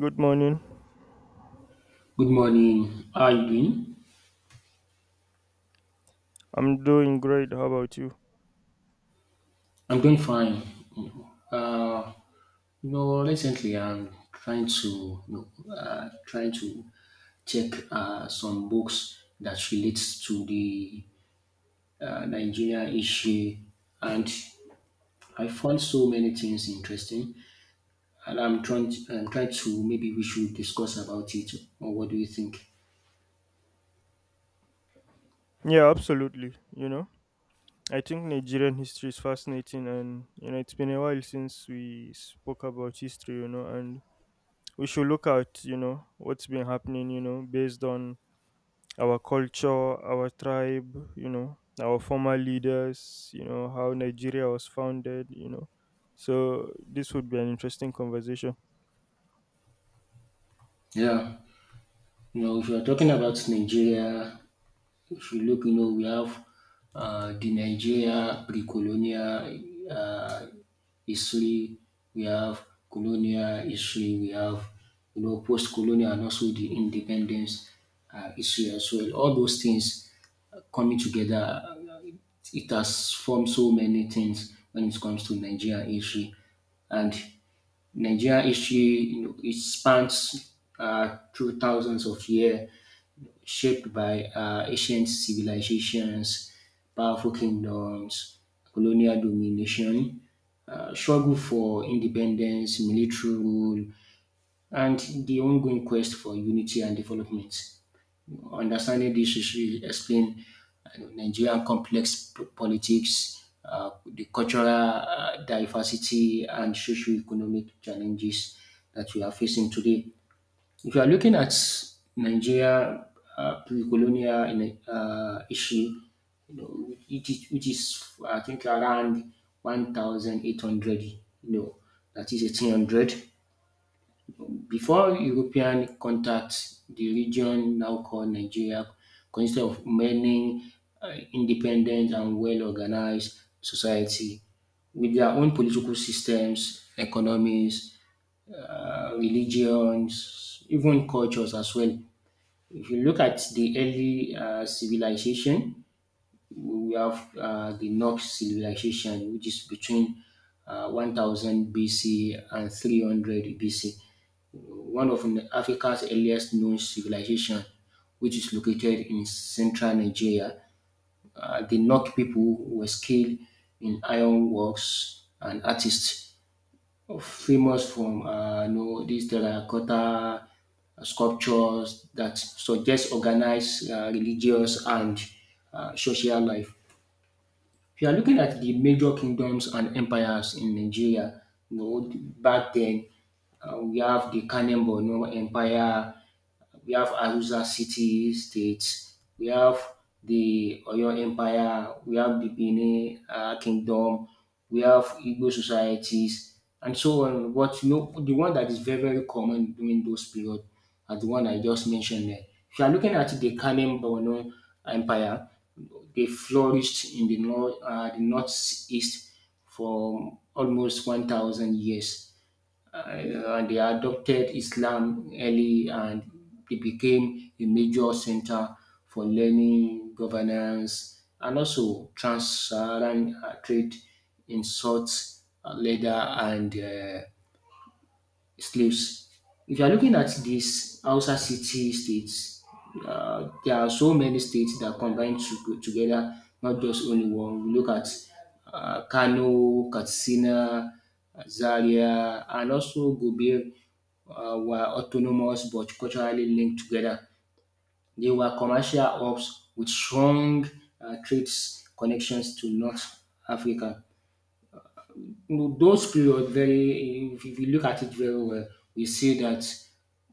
Good morning. Good morning. How are you doing? I'm doing great. How about you? I'm doing fine. Uh, recently I'm trying to check some books that relates to the Nigeria issue, and I found so many things interesting. And I'm trying to maybe we should discuss about it. Or what do you think? Yeah, absolutely. You know, I think Nigerian history is fascinating, and you know, it's been a while since we spoke about history. You know, and we should look at you know what's been happening. You know, based on our culture, our tribe. You know, our former leaders. You know, how Nigeria was founded. You know, so this would be an interesting conversation. Yeah. You know, if you're talking about Nigeria, if you look, you know, we have the Nigeria pre-colonial uh, history, we have colonial history, we have, you know, post-colonial and also the independence history as well. All those things coming together, it has formed so many things when it comes to Nigeria history. And Nigeria history, you know, it spans through thousands of years, shaped by ancient civilizations, powerful kingdoms, colonial domination, struggle for independence, military rule, and the ongoing quest for unity and development. Understanding this history explain you know, Nigerian complex politics, the cultural diversity, and socio-economic challenges that we are facing today. If you are looking at Nigeria pre-colonial issue, you know, which is I think around 1,800, you know, that is 1800 before European contact, the region now called Nigeria consisted of many independent and well-organized society with their own political systems, economies, religions, even cultures as well. If you look at the early civilization, we have the Nok civilization, which is between 1000 BC and 300 BC. One of Africa's earliest known civilization, which is located in central Nigeria. The Nok people were skilled in ironworks and artists, famous from these terracotta sculptures that suggest organized religious and social life. If you are looking at the major kingdoms and empires in Nigeria, you know, back then, we have the Kanem Borno Empire, we have Arusa City States, we have the Oyo Empire, we have the Benin Kingdom, we have Igbo societies, and so on. But you know, the one that is very, very common during those periods are the one I just mentioned there. If you are looking at the Kanem Borno Empire, they flourished in the north, the northeast for almost 1,000 years. And they adopted Islam early and they became a major center for learning, governance, and also trans-Saharan trade in salt, leather, and slaves. If you are looking at these Hausa city states, there are so many states that combine to, together, not just only one. We look at Kano, Katsina, Zaria, and also Gobir were autonomous but culturally linked together. They were commercial hubs with strong trade connections to North Africa. Know, those period very if you look at it very well, we see that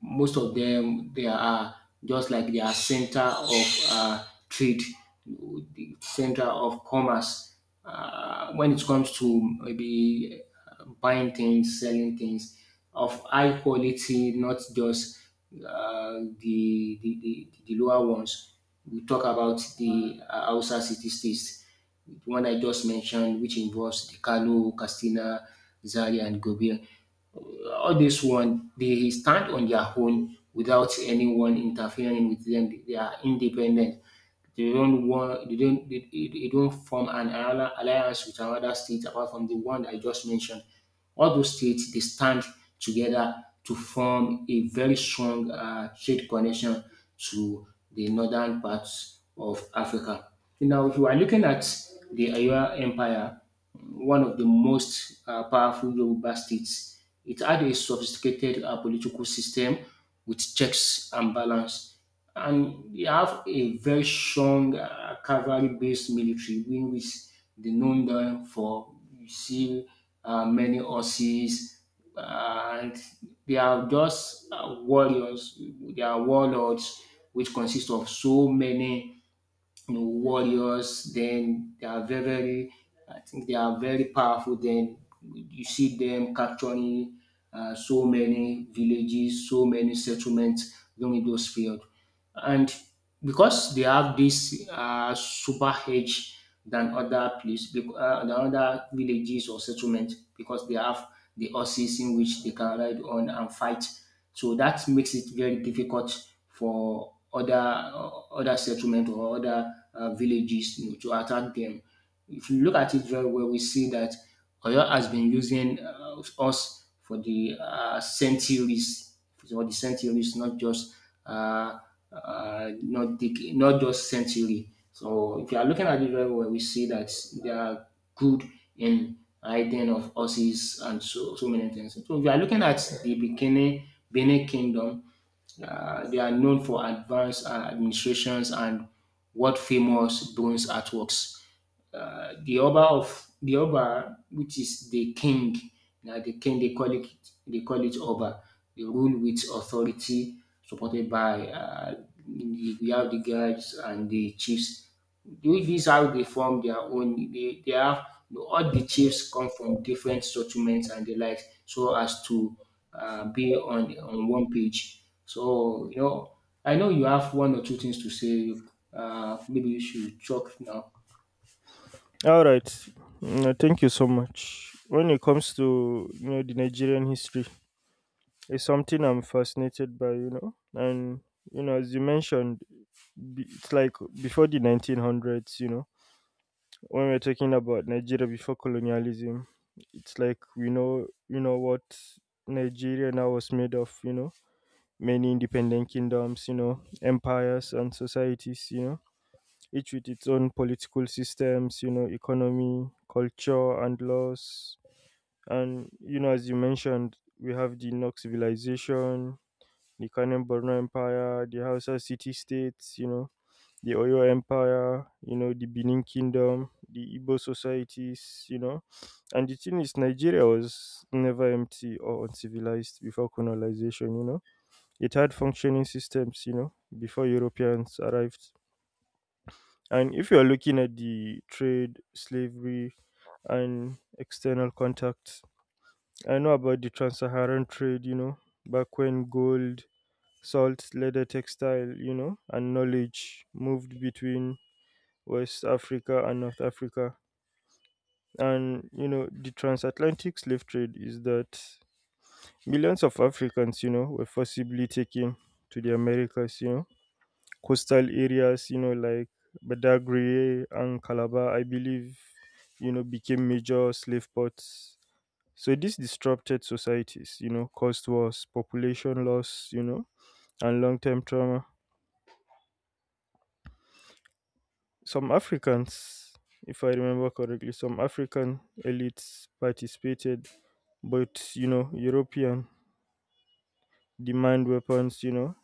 most of them they are just like they are center of trade, the center of commerce when it comes to maybe buying things, selling things of high quality, not just uh, the lower ones. We talk about the Hausa city states, the one I just mentioned, which involves the Kano, Castina, Zaria, and Gobir. All this one they stand on their own without anyone interfering with them. They are independent. They don't want they don't form an alliance with another state apart from the one I just mentioned. All those states they stand together to form a very strong trade connection to the northern parts of Africa. Now, if you are looking at the Ayua Empire, one of the most powerful Yoruba states. It had a sophisticated political system with checks and balance. And they have a very strong cavalry based military, in which they known them for. You see many horses, and they are just warriors, they are warlords, which consist of so many you know, warriors. Then they are I think they are very powerful. Then you see them capturing so many villages, so many settlements during those period. And because they have this super edge than other place, than other villages or settlement, because they have the horses in which they can ride on and fight. So that makes it very difficult for other settlement or other villages you know, to attack them. If you look at it very well, we see that Oyo has been using us for the centuries, not just uh, not just century. So if you are looking at it very well, we see that they are good in riding of horses and so many things. So if you are looking at the beginning Benin Kingdom, they are known for advanced administrations and world famous bronze artworks the Oba, which is the king. Now the king they call it Oba. They rule with authority, supported by we have the guards and the chiefs. These how they form their own. They have all the chiefs come from different settlements and the like, so as to be on one page. So you know, I know you have one or two things to say. Maybe you should talk now. All right. No, thank you so much. When it comes to you know the Nigerian history, it's something I'm fascinated by, you know, and you know, as you mentioned, it's like before the 1900s, you know, when we're talking about Nigeria before colonialism, it's like we know, you know, what Nigeria now was made of, you know, many independent kingdoms, you know, empires and societies, you know, each with its own political systems, you know, economy, culture, and laws. And, you know, as you mentioned, we have the Nok civilization, the Kanem Borno Empire, the Hausa city states, you know, the Oyo Empire, you know, the Benin Kingdom, the Igbo societies, you know. And the thing is, Nigeria was never empty or uncivilized before colonization, you know. It had functioning systems, you know, before Europeans arrived. And if you're looking at the trade, slavery, and external contact, I know about the trans Saharan trade, you know, back when gold, salt, leather, textile, you know, and knowledge moved between West Africa and North Africa. And, you know, the transatlantic slave trade is that millions of Africans, you know, were forcibly taken to the Americas, you know, coastal areas, you know, like Badagry and Calabar, I believe, you know, became major slave ports. So this disrupted societies, you know, caused wars, population loss, you know, and long term trauma. Some Africans, if I remember correctly, some African elites participated, but you know, European demand weapons, you know,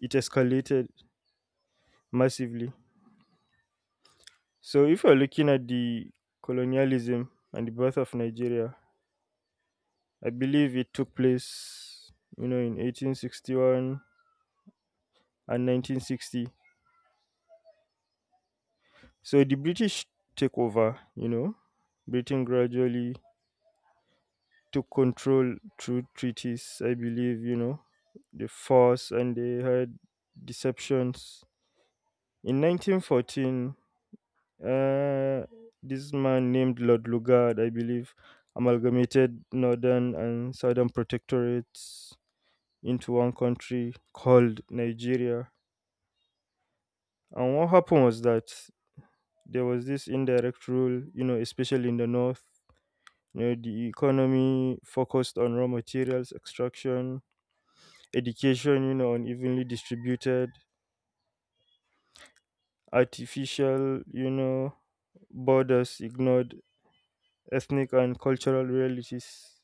it escalated massively. So if you're looking at the colonialism and the birth of Nigeria, I believe it took place, you know, in 1861 and 1960. So the British took over, you know, Britain gradually took control through treaties, I believe, you know, the force and they had deceptions. In 1914, uh, this man named Lord Lugard, I believe, amalgamated northern and southern protectorates into one country called Nigeria. And what happened was that there was this indirect rule, you know, especially in the north. You know, the economy focused on raw materials extraction, education, you know, unevenly distributed, artificial, you know, borders ignored, ethnic and cultural realities.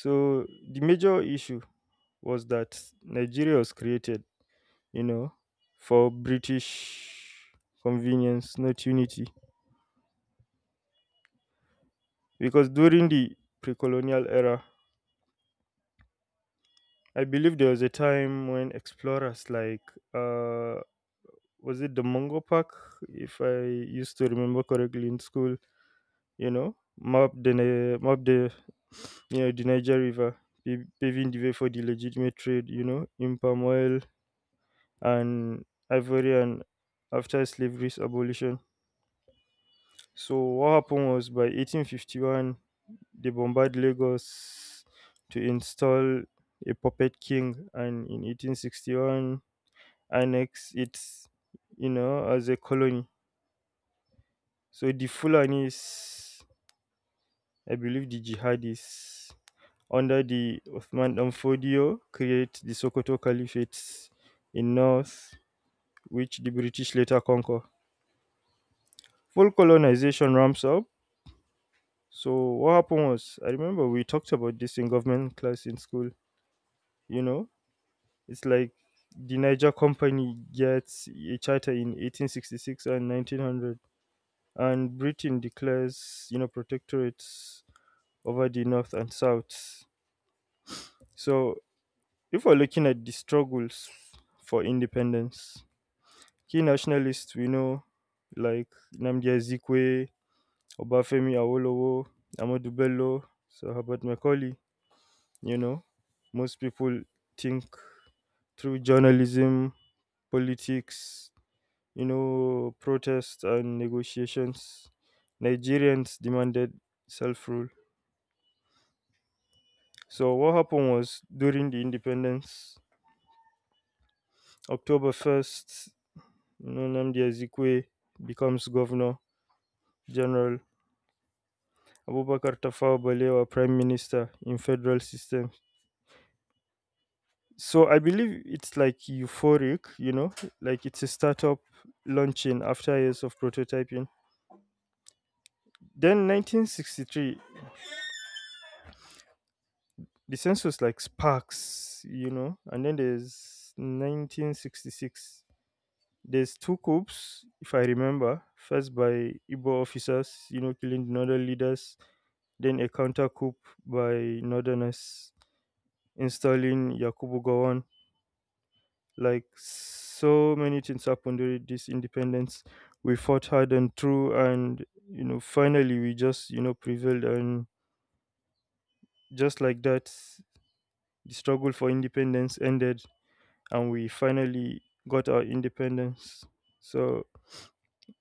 So the major issue was that Nigeria was created, you know, for British convenience, not unity. Because during the pre colonial era, I believe there was a time when explorers like uh, was it the Mungo Park, if I used to remember correctly in school, you know, map the you know the Niger River, paving the way for the legitimate trade, you know, in palm oil and ivory and after slavery's abolition. So what happened was by 1851 they bombarded Lagos to install a puppet king, and in 1861 annex it, you know, as a colony. So the Fulanis, I believe the jihadis under the Uthman Dan Fodio create the Sokoto Caliphate in north, which the British later conquer. Full colonization ramps up. So what happened was, I remember we talked about this in government class in school. You know, it's like the Niger Company gets a charter in 1866 and 1900, and Britain declares, you know, protectorates over the north and south. So if we're looking at the struggles for independence, key nationalists we know like Namdi Azikwe, Obafemi Awolowo, Amadu Bello, Sir Herbert Macaulay, you know. Most people think through journalism, politics, you know, protests and negotiations, Nigerians demanded self rule. So what happened was during the independence, October 1st, you know, Namdi Azikwe becomes governor general, Abubakar Tafawa Balewa, Prime Minister in federal system. So I believe it's like euphoric, you know, like it's a startup launching after years of prototyping. Then 1963, the census like sparks, you know, and then there's 1966. There's two coups, if I remember. First by Igbo officers, you know, killing the northern leaders. Then a counter coup by northerners installing Yakubu Gowon. Like so many things happened during this independence. We fought hard and true, and you know, finally we just you know prevailed, and just like that, the struggle for independence ended, and we finally got our independence. So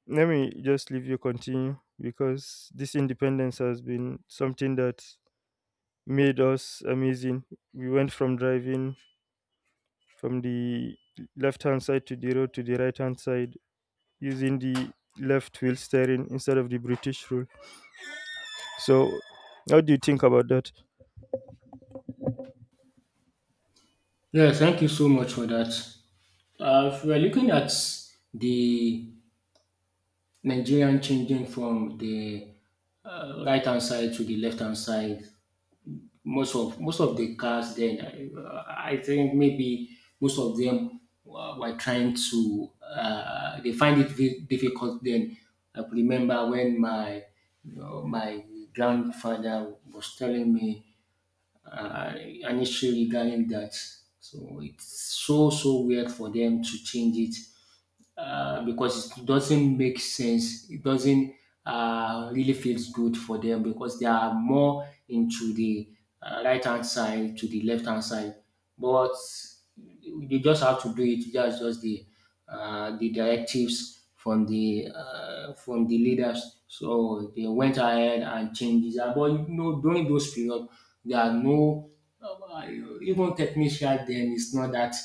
let me just leave you continue because this independence has been something that made us amazing. We went from driving from the left hand side to the road to the right hand side using the left wheel steering instead of the British rule. So, how do you think about that? Yeah, thank you so much for that. If we're looking at the Nigerian changing from the right hand side to the left hand side, most of the cars then, I think maybe most of them were trying to, they find it very difficult then. I remember when my you know, my grandfather was telling me uh, an issue regarding that. So it's so weird for them to change it because it doesn't make sense. It doesn't really feels good for them because they are more into the right hand side to the left hand side. But you just have to do it. That's just the directives from the leaders. So they went ahead and changed that. But you know, during those period, there are no uh, even technician. Then it's not that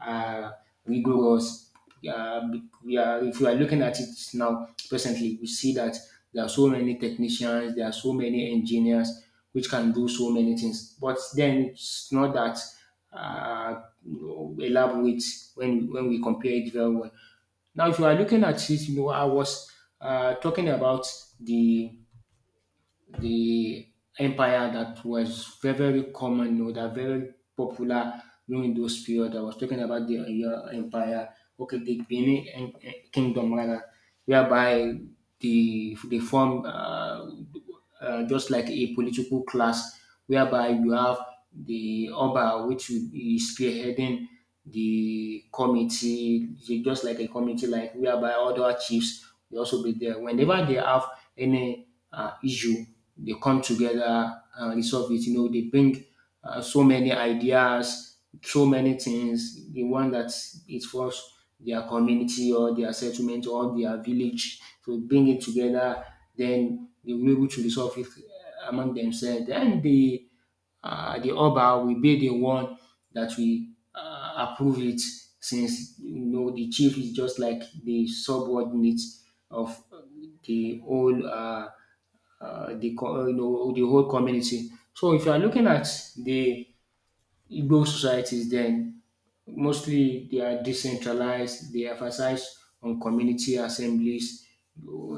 uh, rigorous, yeah, yeah, if you are looking at it now, presently, we see that there are so many technicians, there are so many engineers which can do so many things. But then it's not that uh, elaborate when we compare it very well. Now, if you are looking at it, you know, I was talking about the the empire that was very, very common or that very popular during those period. I was talking about the Oyo Empire, okay, the Benin Kingdom rather, whereby they form just like a political class, whereby you have the Oba, which will be spearheading the committee, just like a committee, like whereby other chiefs will also be there. Whenever they have any issue, they come together and resolve it. You know, they bring so many ideas, so many things. The one that is for their community or their settlement or their village, to bring it together. Then they will be able to resolve it among themselves. Then the Oba will be the one that will approve it, since you know the chief is just like the subordinate of the whole you know the whole community. So if you are looking at the Igbo societies, then mostly they are decentralized, they emphasize on community assemblies,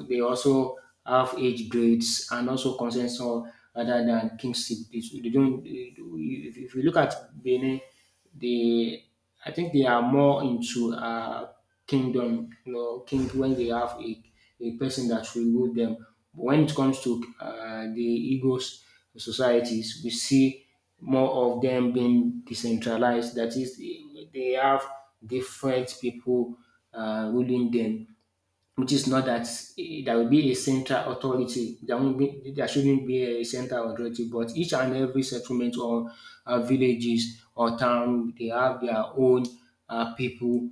they also have age grades and also consensus rather than kingship. They don't, if you look at Benin, they I think they are more into kingdom, you know, king, when they have a person that will rule them. But when it comes to the Igbo societies, we see more of them being decentralized. That is, they have different people ruling them, which is not that there will be a central authority. There shouldn't be a central authority, but each and every settlement or villages or town, they have their own people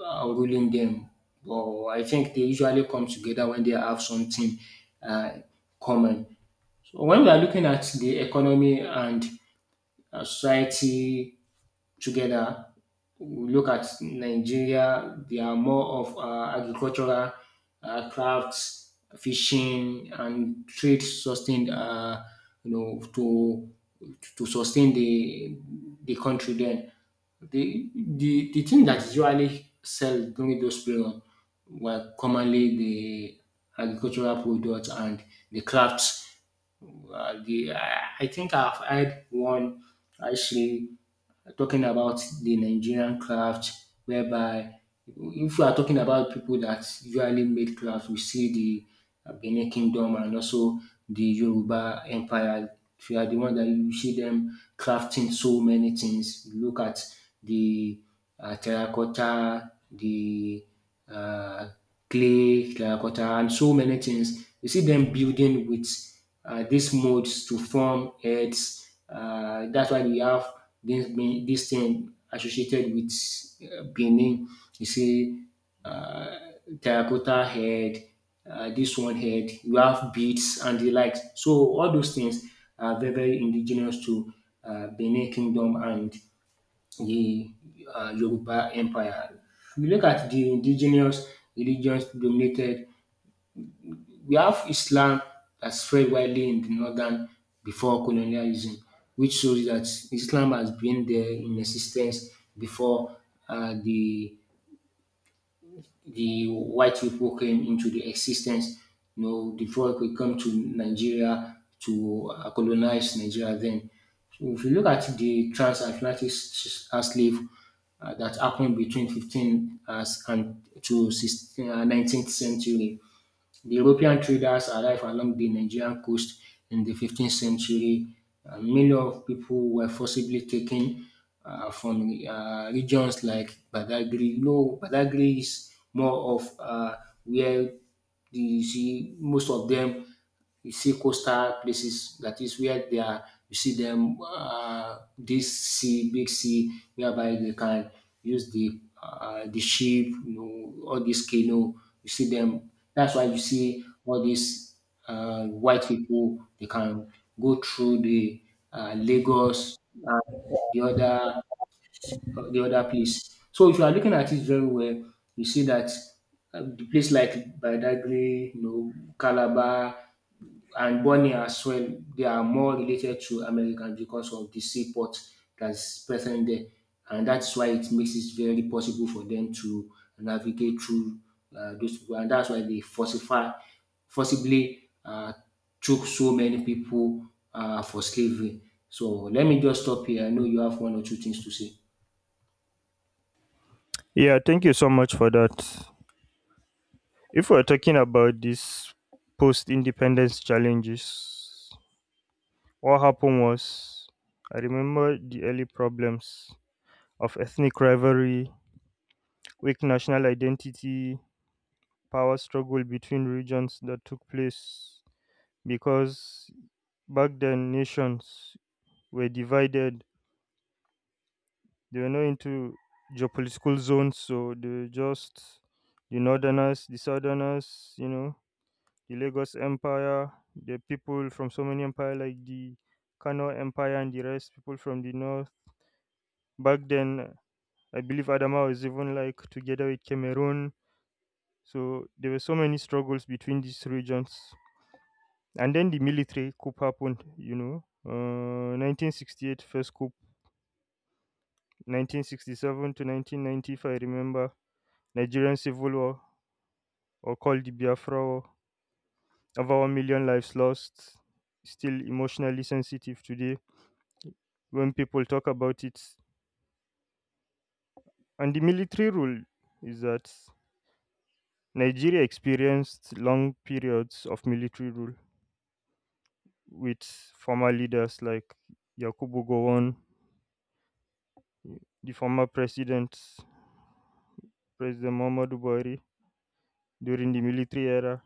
ruling them. But I think they usually come together when they have something uh, common. So when we are looking at the economy and a society together, we look at Nigeria, they are more of agricultural, crafts, fishing, and trade sustained, you know, to sustain the country. Then the thing that is usually sell during those period were commonly the agricultural products and the crafts. The I think I've had one actually talking about the Nigerian craft, whereby if we are talking about people that usually made craft, we see the Benin Kingdom and also the Yoruba Empire. They are the one that you see them crafting so many things. You look at the terracotta, the uh, clay, terracotta, and so many things. You see them building with these molds to form heads. That's why we have this thing associated with Benin. You see, uh, terracotta head, this one head, you have beads and the likes. So all those things are very, very indigenous to Benin Kingdom and the Yoruba Empire. We look at the indigenous religions dominated. We have Islam that spread widely in the northern before colonialism, which shows that Islam has been there in existence before uh, the the white people came into the existence. You know, the folk will come to Nigeria to colonize Nigeria then. So if you look at the transatlantic slave that happened between 15 as, and to 16, 19th century. The European traders arrived along the Nigerian coast in the 15th century. Millions of people were forcibly taken from regions like Badagry. You know, Badagry is more of where you see most of them, you see coastal places. That is where they are, you see them, this sea, big sea, whereby they can use the ship, you know, all this canoe. You see them. That's why you see all these white people. They can go through the Lagos and the other the other place. So if you are looking at it very well, you see that the place like Badagry, you know, Calabar, and Bonny as well, they are more related to Americans because of the seaport that's present there. And that's why it makes it very possible for them to navigate through those people. And that's why they falsify, forcibly took so many people for slavery. So let me just stop here. I know you have one or two things to say. Yeah, thank you so much for that. If we're talking about these post independence challenges, what happened was I remember the early problems of ethnic rivalry, weak national identity, power struggle between regions that took place because back then nations were divided. They were not into geopolitical zones, so they were just the northerners, the southerners, you know, the Lagos Empire, the people from so many empire like the Kano Empire and the rest, people from the north. Back then, I believe Adama was even like together with Cameroon. So there were so many struggles between these regions. And then the military coup happened, you know. 1968 coup, 1967 to 1990, if I remember. Nigerian Civil War, or called the Biafra War, of our million lives lost, still emotionally sensitive today when people talk about it. And the military rule is that Nigeria experienced long periods of military rule with former leaders like Yakubu Gowon, the former president, President Muhammadu Buhari, during the military era.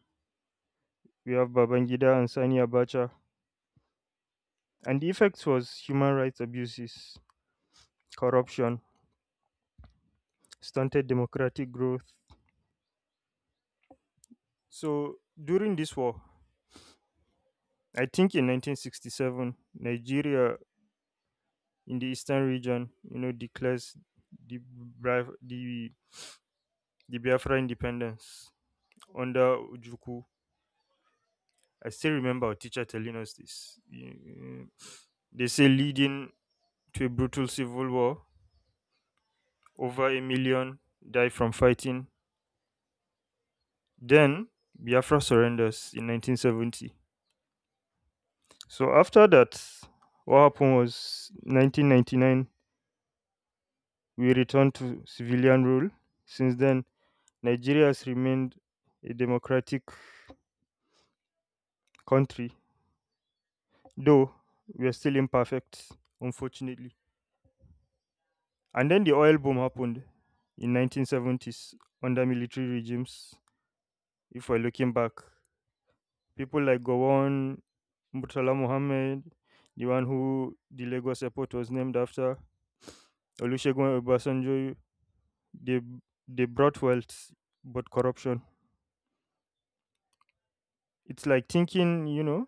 We have Babangida and Sani Abacha. And the effects was human rights abuses, corruption, stunted democratic growth. So during this war, I think in 1967, Nigeria in the eastern region, you know, declares the Bra- the Biafra independence under Ojukwu. I still remember our teacher telling us this. You- they say leading to a brutal civil war, over a million die from fighting. Then Biafra surrenders in 1970. So after that, what happened was 1999 we returned to civilian rule. Since then, Nigeria has remained a democratic country, though we are still imperfect, unfortunately. And then the oil boom happened in 1970s under military regimes. If we're looking back, people like Gowon, Murtala Mohammed, the one who the Lagos airport was named after, Olusegun Obasanjo, they they brought wealth but corruption. It's like thinking, you know,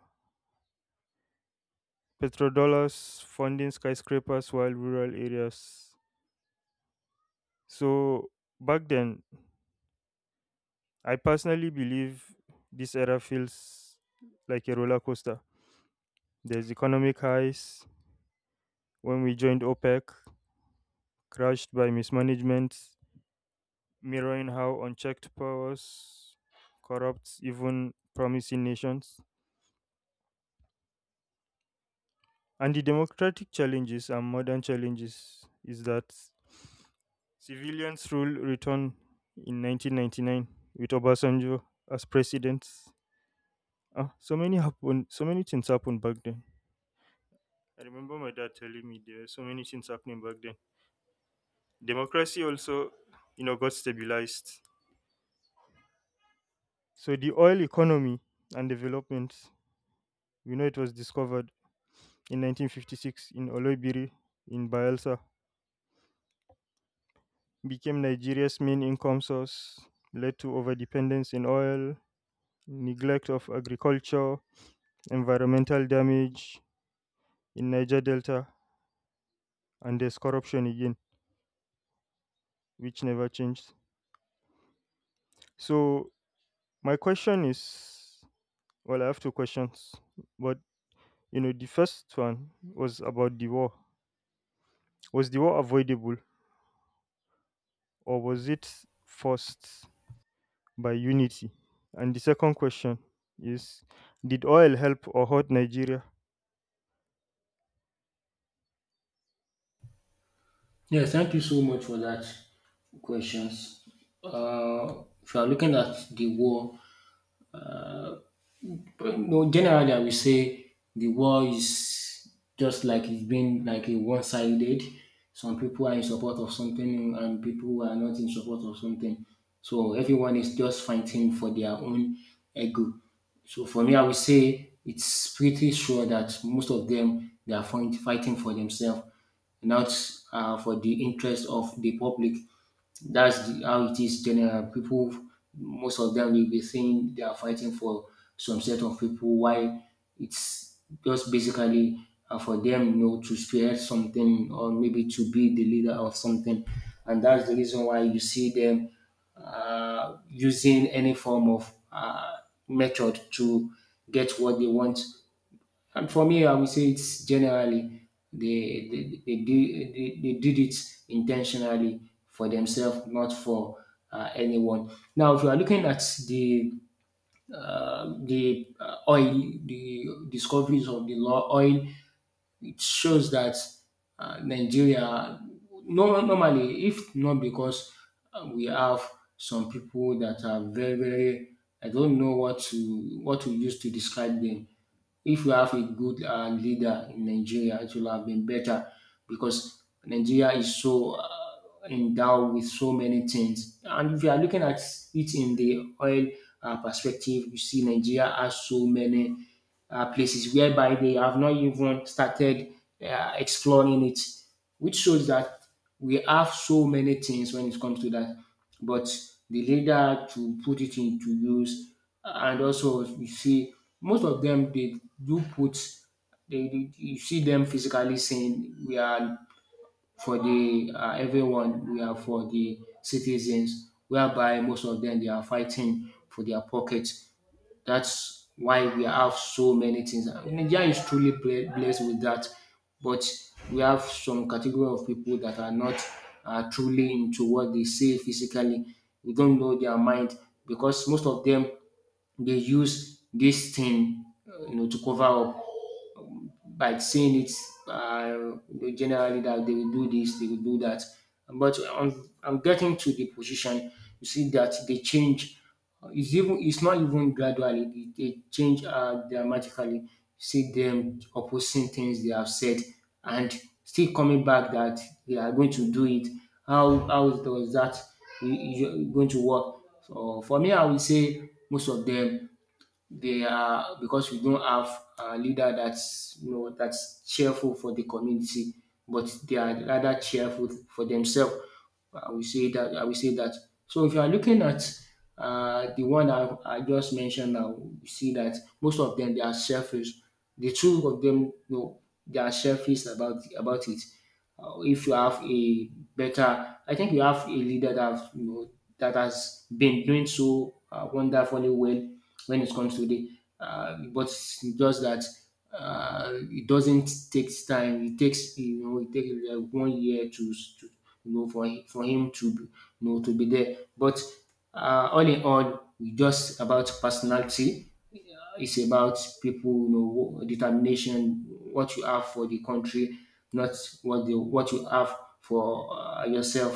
petrodollars funding skyscrapers while rural areas. So back then, I personally believe this era feels like a roller coaster. There's economic highs when we joined OPEC, crashed by mismanagement, mirroring how unchecked powers corrupts even promising nations. And the democratic challenges and modern challenges is that civilians rule returned in 1999 with Obasanjo as president. Ah, so many happened. So many things happened back then. I remember my dad telling me there were so many things happening back then. Democracy also, you know, got stabilized. So the oil economy and development, we know it was discovered in 1956 in Oloibiri in Bayelsa, became Nigeria's main income source, led to overdependence in oil, neglect of agriculture, environmental damage in Niger Delta, and there's corruption again, which never changed. So my question is, well, I have two questions, but you know, the first one was about the war. Was the war avoidable, or was it forced by unity? And the second question is, did oil help or hurt Nigeria? Yes, thank you so much for that questions. If you are looking at the war. But no, generally, I will say the war is just like it's been like a one-sided. Some people are in support of something and people are not in support of something. So everyone is just fighting for their own ego. So for me, I would say it's pretty sure that most of them, they are fighting for themselves, not for the interest of the public. That's how it is general. People, most of them will be saying they are fighting for some set of people. Why it's just basically for them, you know, to spearhead something or maybe to be the leader of something, and that's the reason why you see them using any form of method to get what they want. And for me, I would say it's generally they did it intentionally for themselves, not for anyone. Now, if you are looking at the the oil, the discoveries of the law oil, it shows that Nigeria, no, normally, if not because we have some people that are very, very, I don't know what to use to describe them. If we have a good leader in Nigeria, it will have been better, because Nigeria is so endowed with so many things. And if you are looking at it in the oil perspective, you see Nigeria has so many places whereby they have not even started exploring it, which shows that we have so many things when it comes to that, but the leader to put it into use. And also you see most of them, they do put, they you see them physically saying we are for the everyone, we are for the citizens, whereby most of them they are fighting for their pocket. That's why we have so many things. And Nigeria is truly blessed with that, but we have some category of people that are not truly into what they say physically. We don't know their mind, because most of them, they use this thing, you know, to cover up by saying it. They generally, that they will do this, they will do that. But I'm getting to the position. You see that they change. It's even, it's not even gradually. They change dramatically. You see them opposing things they have said and still coming back that they are going to do it. How does that going to work? So for me, I would say most of them, they are, because we don't have a leader that's, you know, that's cheerful for the community, but they are rather cheerful for themselves. I will say that. I will say that. So if you are looking at the one I just mentioned now, you see that most of them they are selfish. The two of them, you know, they are selfish about it. If you have a better, I think you have a leader that, you know, that has been doing so wonderfully well when it comes to the, but just that it doesn't take time. It takes, you know, it takes like one year to, you know, for him to be, you know, to be there. But all in all, it's just about personality. Uh, It's about people, you know, determination, what you have for the country, not what you have for yourself.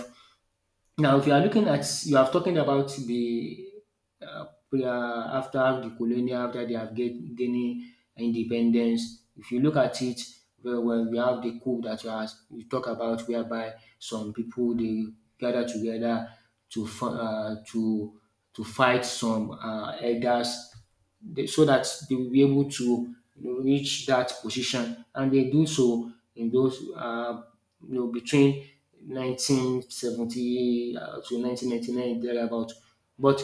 Now, if you are looking at, you are talking about the uh, after the colonial, after they have gaining independence. If you look at it very well, we have the coup that you talk about, whereby some people they gather together to fi- to fight some elders, so that they will be able to, you know, reach that position. And they do so in those, you know, between 1970 to 1999, thereabout. But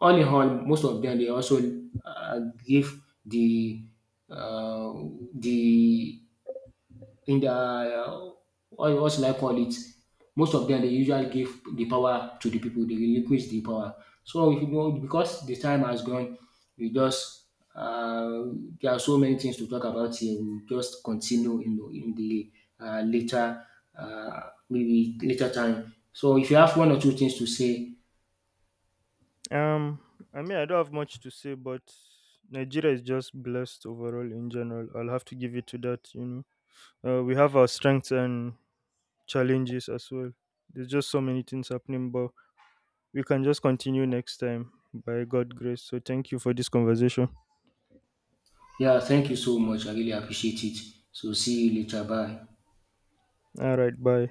all in all, most of them, they also give uh, the in the what should I call it? Most of them they usually give the power to the people. They relinquish the power. So, if you know, because the time has gone, we just, uh, there are so many things to talk about here. We just continue in in the later, uh, maybe later time. So if you have one or two things to say. Um, I mean, I don't have much to say, but Nigeria is just blessed overall in general. I'll have to give it to that. You know, we have our strengths and challenges as well. There's just so many things happening, but we can just continue next time by God grace. So thank you for this conversation. Yeah, thank you so much. I really appreciate it. So see you later. Bye. All right, bye.